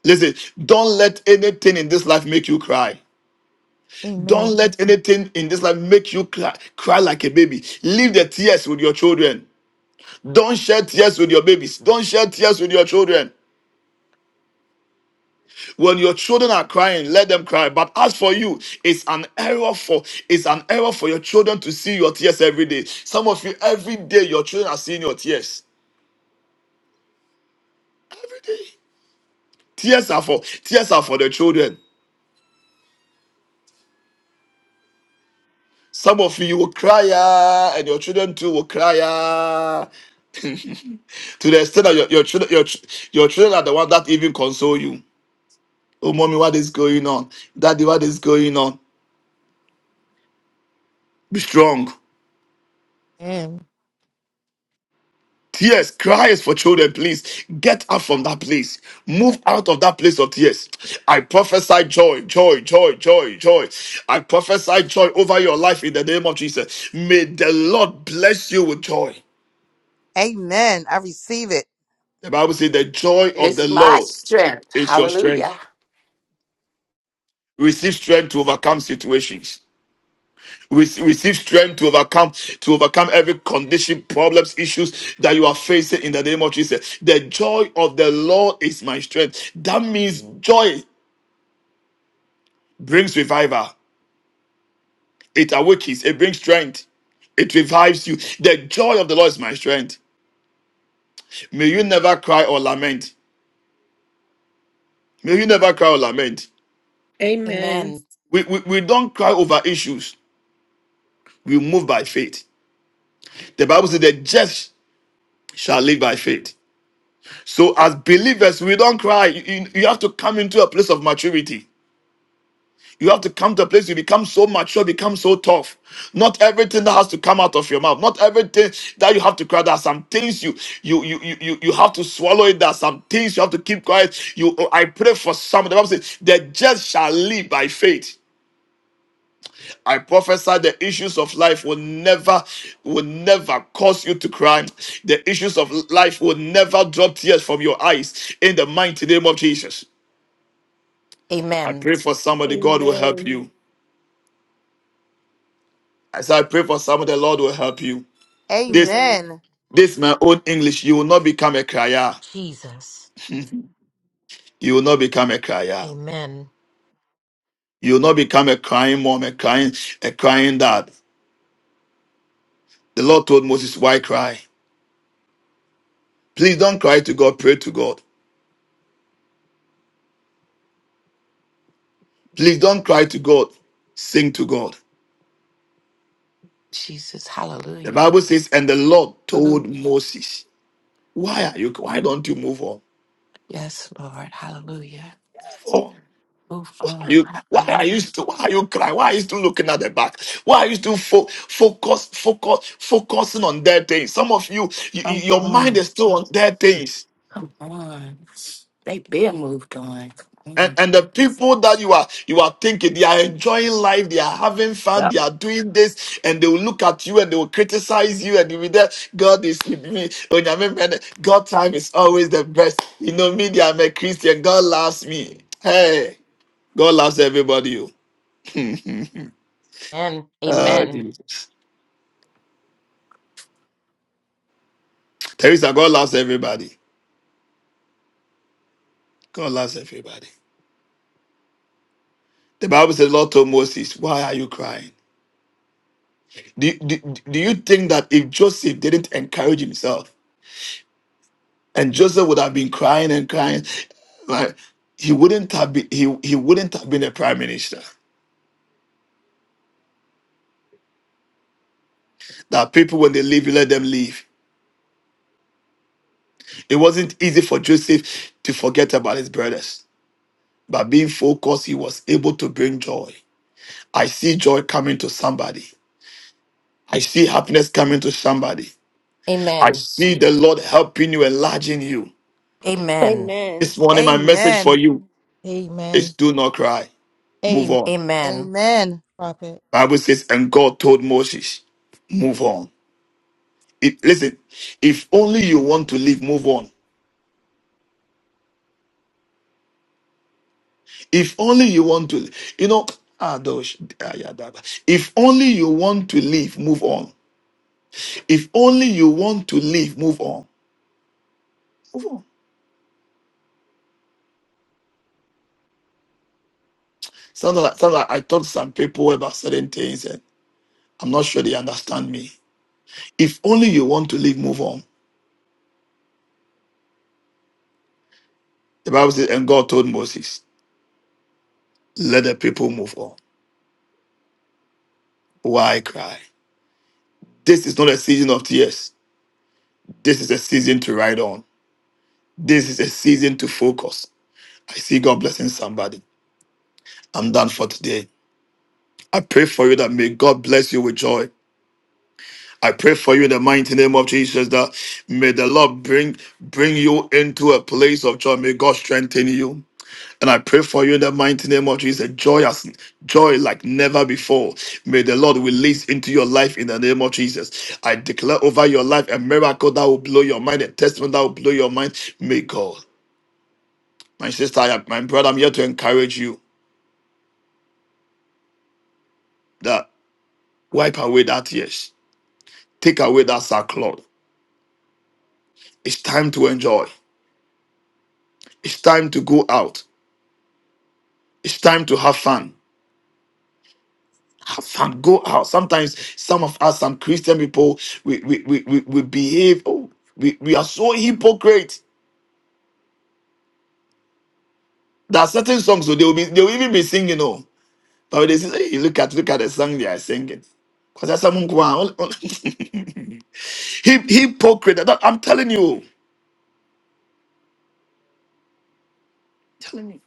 [SPEAKER 1] Listen, don't let anything in this life make you cry. Don't
[SPEAKER 5] Amen.
[SPEAKER 1] let anything in this life make you cry, cry like a baby. Leave the tears with your children. Don't shed tears with your babies. Don't shed tears with your children. When your children are crying, let them cry. But as for you, it's an error for it's an error for your children to see your tears every day. Some of you, every day, your children are seeing your tears. Every day, tears are for tears are for the children. Some of you will cry, ah, and your children too will cry. ah. (laughs) to the extent that your, your children your, ch- your children are the one that even console you. Oh mommy, what is going on? Daddy, what is going on? Be strong.
[SPEAKER 5] Amen.
[SPEAKER 1] Tears, cries for children, please. Get up from that place. Move out of that place of tears. I prophesy joy, joy, joy, joy, joy. I prophesy joy over your life in the name of Jesus. May the Lord bless you with joy.
[SPEAKER 3] Amen. I receive it.
[SPEAKER 1] The Bible says the joy of
[SPEAKER 6] It's
[SPEAKER 1] the
[SPEAKER 6] my
[SPEAKER 1] Lord.
[SPEAKER 6] strength.
[SPEAKER 1] It's your strength.
[SPEAKER 6] Hallelujah.
[SPEAKER 1] Receive strength to overcome situations. Rece- Receive strength to overcome to overcome every condition, problems, issues that you are facing in the name of Jesus. The joy of the Lord is my strength. That means joy brings revival. It awakens. It brings strength. It revives you. The joy of the Lord is my strength. May you never cry or lament. May you never cry or lament.
[SPEAKER 2] Amen.
[SPEAKER 4] Amen.
[SPEAKER 1] We, we, we don't cry over issues. We move by faith. The Bible says the just shall live by faith. So, as believers, we don't cry. You, you- you have to come into a place of maturity. You have to come to a place you become so mature, become so tough. Not everything that has to come out of your mouth, not everything that you have to cry. There are some things you you you you you you have to swallow it. There are some things you have to keep quiet. You, I pray for some. The Bible says, "The just shall live by faith." I prophesy the issues of life will never, will never cause you to cry. The issues of life will never drop tears from your eyes in the mighty name of Jesus. I
[SPEAKER 4] Amen.
[SPEAKER 1] pray for somebody, God will help
[SPEAKER 2] Amen.
[SPEAKER 1] you. As I pray for somebody, the Lord will help you. This,
[SPEAKER 2] Amen.
[SPEAKER 3] Amen.
[SPEAKER 1] this my own English. You will not become a crier.
[SPEAKER 4] Jesus.
[SPEAKER 1] You will not become a crier.
[SPEAKER 4] Amen.
[SPEAKER 1] You will not become a crying mom, a crying, a crying dad. The Lord told Moses, why cry? Please don't cry to God, pray to God. Please don't cry to God, sing to God.
[SPEAKER 6] Jesus.
[SPEAKER 1] The
[SPEAKER 6] Hallelujah.
[SPEAKER 1] Bible says, and the Lord
[SPEAKER 6] Hallelujah.
[SPEAKER 1] told Moses, Why are you why don't you move on?
[SPEAKER 6] Yes, Lord. Hallelujah.
[SPEAKER 1] Move on.
[SPEAKER 6] Move
[SPEAKER 1] Why are
[SPEAKER 6] on.
[SPEAKER 1] you why are
[SPEAKER 6] Hallelujah.
[SPEAKER 1] you still why are you crying? Why are you still looking at the back? Why are you still fo- focus, focus, focusing on dead things? Some of you, you-
[SPEAKER 6] Come
[SPEAKER 1] you- your mind
[SPEAKER 6] on.
[SPEAKER 1] is still on dead things.
[SPEAKER 6] Come on. They been moved on. Come
[SPEAKER 1] And,
[SPEAKER 6] on.
[SPEAKER 1] and the people that you are you are thinking they are enjoying life, they are having fun,
[SPEAKER 6] Yep.
[SPEAKER 1] they are doing this, and they will look at you and they will criticize you and you will be there. God is with me. Onyame mene. God time is always the best. You know me, I'm a Christian. God loves me. Hey, God loves everybody. oh. (laughs)
[SPEAKER 4] And
[SPEAKER 1] Oh,
[SPEAKER 4] amen.
[SPEAKER 1] Jesus. Teresa, God loves everybody. God loves everybody. The Bible says, Lord told Moses, Why are you crying? Do, do, do you think that if Joseph didn't encourage himself, And Joseph would have been crying and crying. Like he wouldn't have been he, he wouldn't have been a prime minister. That people when they leave, you let them leave. It wasn't easy for Joseph to forget about his brothers. But being focused, he was able to bring joy. I see joy coming to somebody. I see happiness coming to somebody. I
[SPEAKER 4] Amen.
[SPEAKER 1] see the Lord helping you, enlarging you.
[SPEAKER 4] Amen.
[SPEAKER 2] Amen.
[SPEAKER 1] This morning, my message for
[SPEAKER 3] Amen.
[SPEAKER 1] you is
[SPEAKER 5] Amen.
[SPEAKER 1] do not cry. Move
[SPEAKER 5] Amen.
[SPEAKER 1] on.
[SPEAKER 4] Amen.
[SPEAKER 3] Amen.
[SPEAKER 5] Prophet.
[SPEAKER 1] Bible says, and God told Moses, move on. It, listen, if only you want to live, move on. If only you want to, you know, ah, dosh, ah, yeah, da, da. if only you want to live, move on. If only you want to live, move on. Move on. Sounds like, sounds like I taught some people about certain things and I'm not sure they understand me. If only you want to live, move on. The Bible says, and God told Moses, let the people move on. Why cry? This is not a season of tears. This is a season to ride on. This is a season to focus. I see God blessing somebody. I'm done for today. I pray for you that may God bless you with joy. I pray for you in the mighty name of Jesus that may the Lord bring bring you into a place of joy. May God strengthen you. And I pray for you in the mighty name of Jesus, joy as joy like never before. May the Lord release into your life in the name of Jesus. I declare over your life a miracle that will blow your mind, a testimony that will blow your mind. May God, my sister, I- my brother, I'm here to encourage you that wipe away that tears Take away that sackcloth. It's time to enjoy. It's time to go out. It's time to have fun. Have fun. Go out. Sometimes some of us, some Christian people, we we we, we, we behave. Oh, we, we are so hypocrite. There are certain songs so they will be they will even be singing. Oh, but they say, hey, look at look at the song they are singing. Because that's someone who are- (laughs) Hy- hypocrite. That- I'm telling you. Telling you.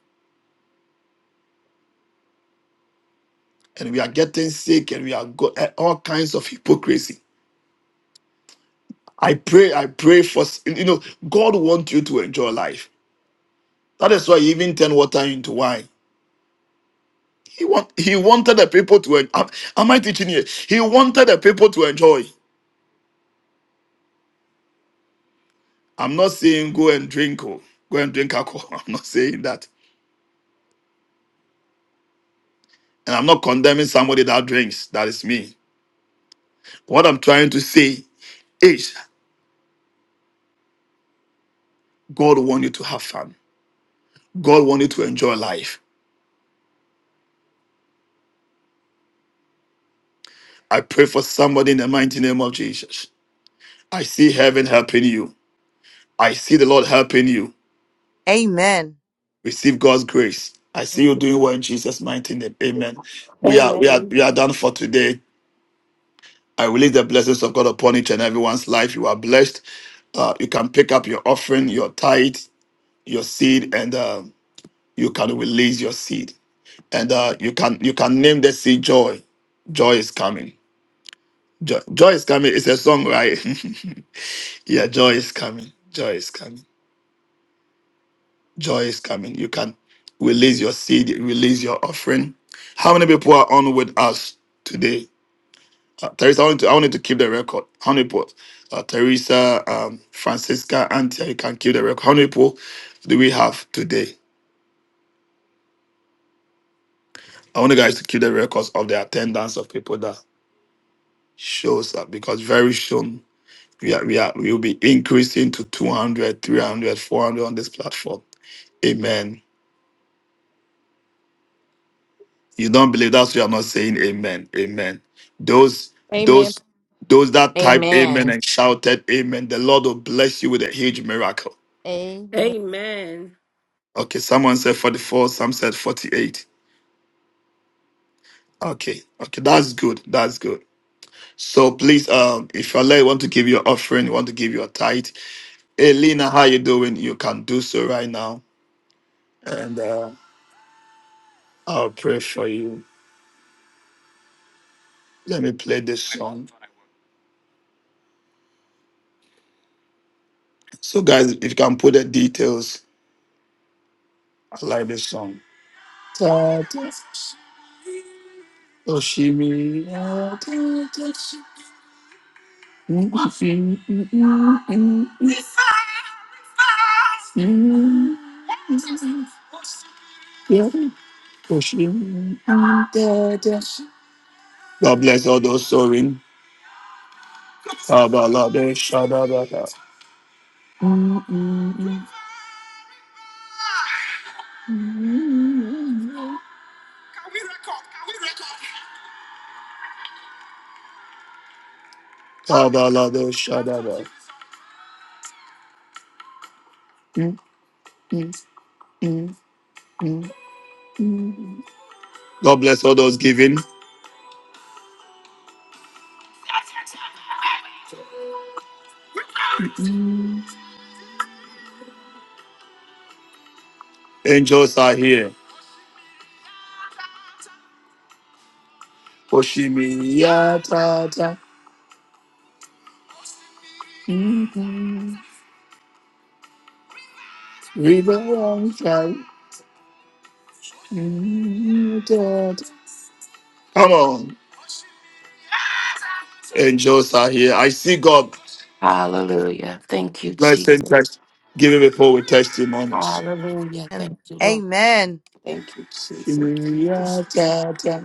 [SPEAKER 1] And we are getting sick and we are go- eh, all kinds of hypocrisy. I pray, I pray for, you know, God wants you to enjoy life. That is why he even turned water into wine. He want, he wanted the people to, en- am, am I teaching here? He wanted the people to enjoy. I'm not saying go and drink, oh, go and drink alcohol. (laughs) I'm not saying that. And I'm not condemning somebody that drinks. That is me. What I'm trying to say is God wants you to have fun. God wants you to enjoy life. I pray for somebody in the mighty name of Jesus. I see heaven helping you. I see the Lord helping you.
[SPEAKER 3] Amen.
[SPEAKER 1] receive God's grace. I see you doing well in Jesus' mighty name. Amen. We are we
[SPEAKER 2] Amen.
[SPEAKER 1] are we are done for today. I release the blessings of God upon each and everyone's life. You are blessed. Uh, you can pick up your offering, your tithe, your seed, and uh, you can release your seed. And uh, you can you can name the seed joy. Joy is coming. Joy, joy is coming. It's a song, right? (laughs) yeah, joy is coming. Joy is coming. Joy is coming. You can release your seed, release your offering. How many people are on with us today? Uh, Teresa, I wanted, to, I wanted to keep the record. How many people? Uh, Teresa, um, Francisca, Antia, you can keep the record. How many people do we have today? I want you guys to keep the records of the attendance of people that shows up because very soon we are, we are we will be increasing to 200, 300, 400 on this platform. Amen. You don't believe that's why I'm not saying amen. Amen. Those
[SPEAKER 5] Amen.
[SPEAKER 1] those those that typed amen
[SPEAKER 4] Amen.
[SPEAKER 1] and shouted amen, the Lord will bless you with a huge miracle.
[SPEAKER 5] Amen.
[SPEAKER 2] Amen.
[SPEAKER 1] Okay, someone said 44, some said 48. Okay, okay, that's good. That's good. So please, um, if you're led, want to give your offering, you want to give your tithe. Hey Lena, how you doing? You can do so right now. And uh, I'll pray for you. Let me play this song. So guys, if you can put the details, I like this song. Oshimi. ah, da, da, shi, ya, Oshimi. da, da. God bless all those soaring. Kabalade Shadabata. Kabalade Shadabata. God bless all those giving. Angels are here. Oshimi Yatata. Mhm. River on fire. Mhm, Tata. Come on. Angels are here. I see God.
[SPEAKER 6] Hallelujah. Thank you,
[SPEAKER 1] Let's send
[SPEAKER 6] Jesus.
[SPEAKER 1] text. Give him a poll with testimonies.
[SPEAKER 6] Hallelujah. Thank you, Lord.
[SPEAKER 3] Amen.
[SPEAKER 6] Thank you, Jesus.
[SPEAKER 1] Oshimi Yatata.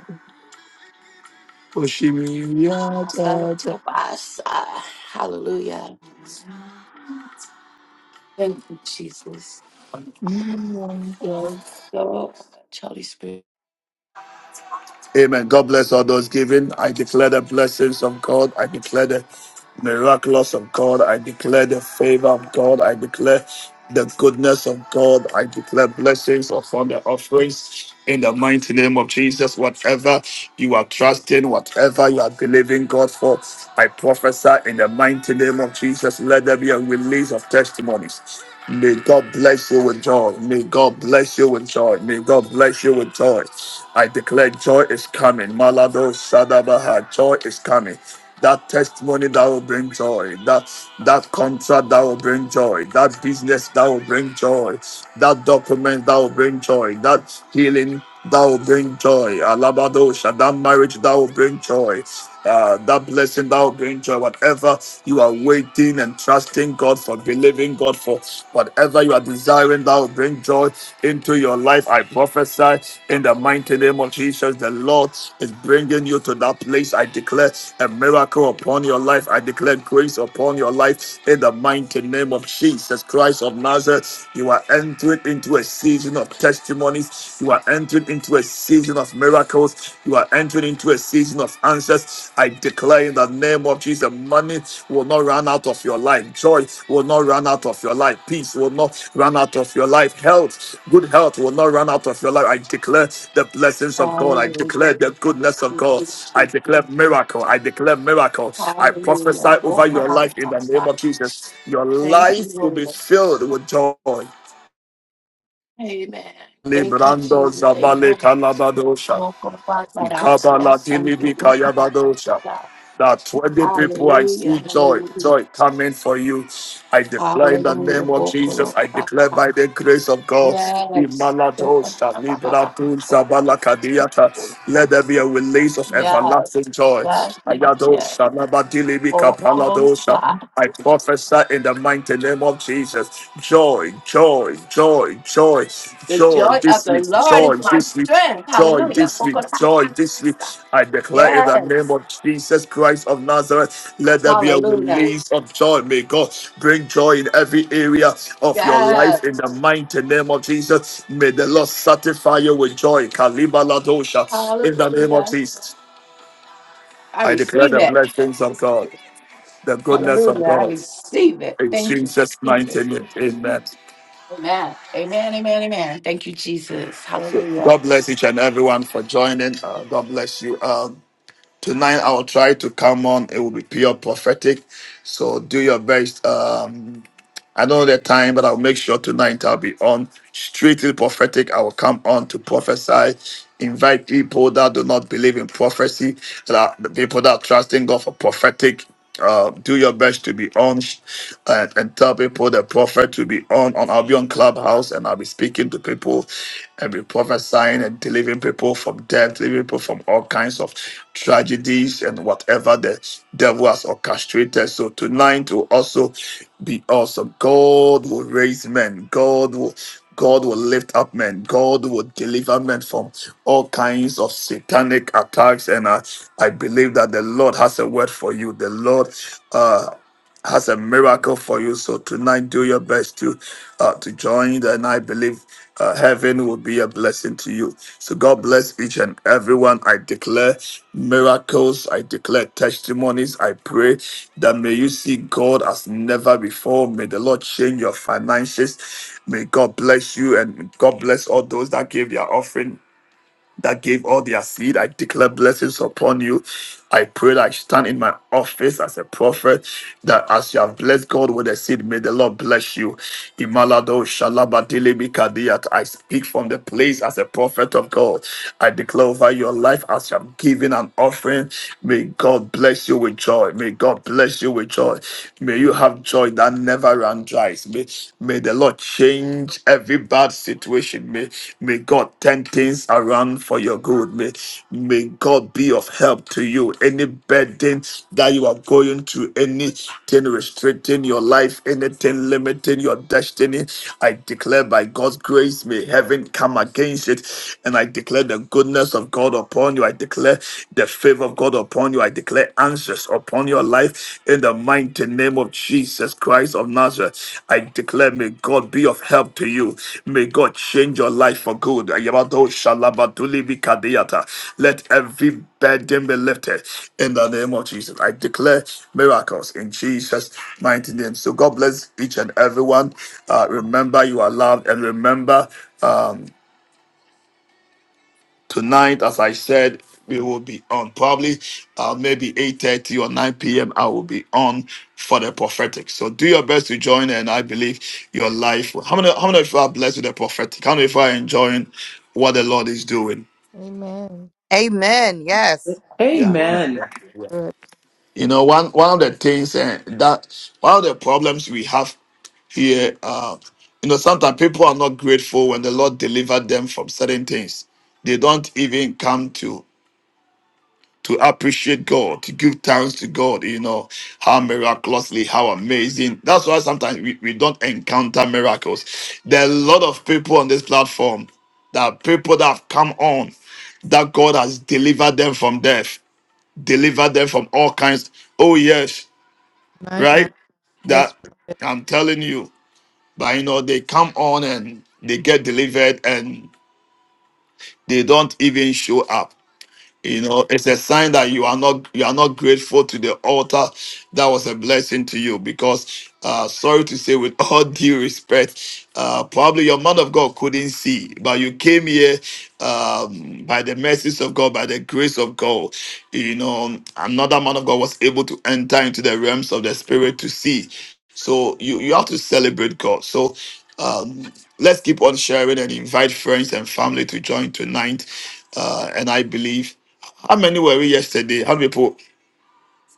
[SPEAKER 6] Our God of us. Ah, Hallelujah. Thank you, Jesus. Thank you
[SPEAKER 1] Amen.
[SPEAKER 6] so much, Holy Spirit.
[SPEAKER 1] God bless all those giving. I declare the blessings of God. I declare the miraculous of God. I declare the favor of God. I declare. the goodness of God. I declare blessings upon the offerings in the mighty name of Jesus. Whatever you are trusting, whatever you are believing God for, I prophesy in the mighty name of Jesus. Let there be a release of testimonies. May God bless you with joy. May God bless you with joy. May God bless you with joy. I declare joy is coming. Malado Sadabaha, joy is coming that testimony that will bring joy, that that contract that will bring joy, that business that will bring joy, that document that will bring joy, that healing that will bring joy, alabadosha, that marriage that will bring joy, uh, that blessing that will bring joy, whatever you are waiting and trusting God for, believing God for, whatever you are desiring that will bring bring joy into your life. I prophesy in the mighty name of Jesus. The Lord is bringing you to that place. I declare a miracle upon your life. I declare grace upon your life in the mighty name of Jesus Christ of Nazareth. You are entering into a season of testimonies. You are entering into a season of miracles. You are entering into a season of answers I declare in the name of Jesus, money will not run out of your life. Joy will not run out of your life. Peace will not run out of your life. Health, good health will not run out of your life. I declare the blessings of God. I
[SPEAKER 6] Hallelujah.
[SPEAKER 1] declare the goodness of
[SPEAKER 6] Thank
[SPEAKER 1] God.
[SPEAKER 6] you,
[SPEAKER 1] I declare
[SPEAKER 6] Jesus.
[SPEAKER 1] miracle. I declare miracle. I
[SPEAKER 6] Hallelujah.
[SPEAKER 1] prophesy
[SPEAKER 6] Walk
[SPEAKER 1] over your
[SPEAKER 6] around
[SPEAKER 1] life in the name
[SPEAKER 6] outside.
[SPEAKER 1] of Jesus. Your
[SPEAKER 6] Thank you,
[SPEAKER 1] life will be
[SPEAKER 6] Lord.
[SPEAKER 1] filled with joy.
[SPEAKER 6] Amen. Thank you,
[SPEAKER 1] Librando
[SPEAKER 6] Jesus.
[SPEAKER 1] Zabale
[SPEAKER 6] Amen.
[SPEAKER 1] Calabado
[SPEAKER 6] Walk around outside. Yes, Santo. Walk around
[SPEAKER 1] Ikabalatilibikayabadosha.
[SPEAKER 6] outside.
[SPEAKER 1] That 20 people I
[SPEAKER 6] Hallelujah.
[SPEAKER 1] see joy,
[SPEAKER 6] Hallelujah.
[SPEAKER 1] joy coming for you. I declare in the
[SPEAKER 6] Hallelujah.
[SPEAKER 1] name of
[SPEAKER 6] Walk
[SPEAKER 1] Jesus,
[SPEAKER 6] around
[SPEAKER 1] I declare
[SPEAKER 6] outside.
[SPEAKER 1] by the grace of God.
[SPEAKER 6] Yes.
[SPEAKER 1] Imaladosha, Lidratulsa, Balakadiata. Let there be a release of
[SPEAKER 6] Yes,
[SPEAKER 1] everlasting joy.
[SPEAKER 6] yes, yes, yes.
[SPEAKER 1] Ayadosha,
[SPEAKER 6] Oh, oh, God,
[SPEAKER 1] Nabadilibikapaladosha.
[SPEAKER 6] sir.
[SPEAKER 1] I prophesy in the mighty name of Jesus. Joy, joy, joy, joy,
[SPEAKER 6] The
[SPEAKER 1] joy
[SPEAKER 6] joy of
[SPEAKER 1] this
[SPEAKER 6] the
[SPEAKER 1] week,
[SPEAKER 6] Lord is
[SPEAKER 1] joy
[SPEAKER 6] my
[SPEAKER 1] this week
[SPEAKER 6] strength.
[SPEAKER 1] joy
[SPEAKER 6] Hallelujah.
[SPEAKER 1] this
[SPEAKER 6] Oh,
[SPEAKER 1] week,
[SPEAKER 6] God, my
[SPEAKER 1] joy
[SPEAKER 6] God, my
[SPEAKER 1] this week.
[SPEAKER 6] sir.
[SPEAKER 1] I declare in the name
[SPEAKER 6] Yes.
[SPEAKER 1] of Jesus Christ of Nazareth, let there be a
[SPEAKER 6] Hallelujah.
[SPEAKER 1] release of joy. May God bring joy in every area of your
[SPEAKER 6] Yes.
[SPEAKER 1] life in the mighty name of Jesus. May the Lord satisfy you with joy. Kaliba Ladosha, in the name of
[SPEAKER 6] Hallelujah.
[SPEAKER 1] Jesus.
[SPEAKER 6] I
[SPEAKER 1] I declare
[SPEAKER 6] receive
[SPEAKER 1] the
[SPEAKER 6] it.
[SPEAKER 1] blessings of God, the goodness of
[SPEAKER 6] Hallelujah. I
[SPEAKER 1] God.
[SPEAKER 6] receive it.
[SPEAKER 1] In
[SPEAKER 6] Thank you,
[SPEAKER 1] Jesus' mighty
[SPEAKER 6] Jesus.
[SPEAKER 1] name, amen.
[SPEAKER 6] Amen. Amen. Amen. Amen. Thank you, Jesus.
[SPEAKER 1] So
[SPEAKER 6] Hallelujah.
[SPEAKER 1] God bless each and everyone for joining. Uh, God bless you. Um, Tonight I'll try to come on. It will be pure prophetic. So do your best. Um, I don't know the time, but I'll make sure tonight I'll be on strictly prophetic. I will come on to prophesy, invite people that do not believe in prophecy, that are, the people that are trusting God for prophetic. Uh, do your best to be on and, and tell people the prophet to be on. on. I'll be on Clubhouse and I'll be speaking to people and be prophesying and delivering people from death gently people from all kinds of tragedies and whatever the devil has orchestrated. So tonight will also be awesome. God will raise men. God will God will lift up men. God will deliver men from all kinds of satanic attacks. And I, I believe that the Lord has a word for you. The Lord, uh, has a miracle for you. So tonight, do your best to uh, to join, and I believe uh, heaven will be a blessing to you. So God bless each and everyone. I declare miracles. I declare testimonies. I pray that may you see God as never before. May the Lord change your finances. May God bless you, and God bless all those that gave their offering that gave all their seed. I declare blessings upon you. I pray that I stand in my office as a prophet, that as you have blessed God with a seed, may the Lord bless you. Imalado shalabadili bikadiyat. I speak from the place as a prophet of God. I declare over your life as you am giving an offering. May God bless you with joy. May God bless you with joy. May you have joy that never runs dry me. May the Lord change every bad situation. May, may God turn things around for your good. May, may God be of help to you. Any burden that you are going through, anything restricting your life, anything limiting your destiny, I declare by God's grace, may heaven come against it. And I declare the goodness of God upon you. I declare the favor of God upon you. I you. I declare answers upon your life in the mighty name of Jesus Christ of Nazareth. I declare, may God be of help to you. May God change your life for good. Ayabado shalabaduli bikadiyata. Let every burden be lifted in the name of Jesus. I declare miracles in Jesus' mighty name. So God bless each and everyone. Uh, remember, you are loved, and remember. um, tonight as i said we will be on probably uh, maybe 8.30 or 9 p.m i will be on for the prophetic so do your best to join and i believe your life how many how many of you are blessed with the prophetic how many of you are enjoying what the lord is doing
[SPEAKER 5] Amen.
[SPEAKER 3] Amen. Yes.
[SPEAKER 1] yeah
[SPEAKER 2] Amen.
[SPEAKER 8] Amen.
[SPEAKER 5] Good.
[SPEAKER 1] you know one one of the things eh, that one of the problems we have here uh you know sometimes people are not grateful when the lord delivered them from certain things they don't even come to to appreciate God, to give thanks to God, you know, how miraculously, how amazing. That's why sometimes we, we don't encounter miracles. There are a lot of people on this platform that are people that have come on that God has delivered them from death, delivered them from all kinds. Oh, yes,
[SPEAKER 5] My God.
[SPEAKER 1] right?
[SPEAKER 5] Yes,
[SPEAKER 1] That
[SPEAKER 5] prophet.
[SPEAKER 1] I'm telling you, but you know, they come on and they get delivered and they don't even show up You know, it's a sign that you are not you are not grateful to the altar that was a blessing to you. Because uh sorry to say, with all (laughs) due respect, uh probably your man of God couldn't see, but you came here um by the mercies of God, by the grace of God. You know, another man of God was able to enter into the realms of the spirit to see. So you, you have to celebrate God. So um, let's keep on sharing and invite friends and family to join tonight. Uh, and I believe how many were we yesterday? How many people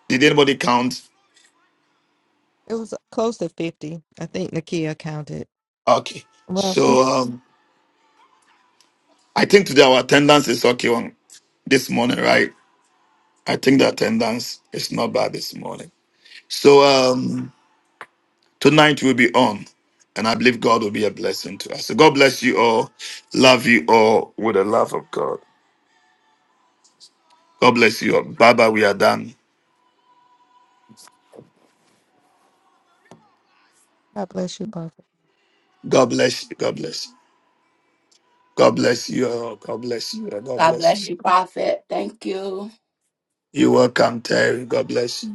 [SPEAKER 1] did anybody count?
[SPEAKER 5] It was close to 50. I think Nakia counted.
[SPEAKER 1] Okay,
[SPEAKER 5] Well,
[SPEAKER 1] so um, I think today our attendance is okay on this morning, right? I think the attendance is not bad this morning. So um, tonight we'll be on, and I believe God will be a blessing to us. So God bless you all. Love you all with the love of God. God bless you all. Bye bye. We are done.
[SPEAKER 5] God bless you, prophet.
[SPEAKER 1] God bless you. God bless you. God bless you all. God bless you. all. God
[SPEAKER 6] God
[SPEAKER 1] bless
[SPEAKER 6] bless
[SPEAKER 1] you.
[SPEAKER 6] you, Prophet. Thank you.
[SPEAKER 1] You're welcome, Terry. God bless you.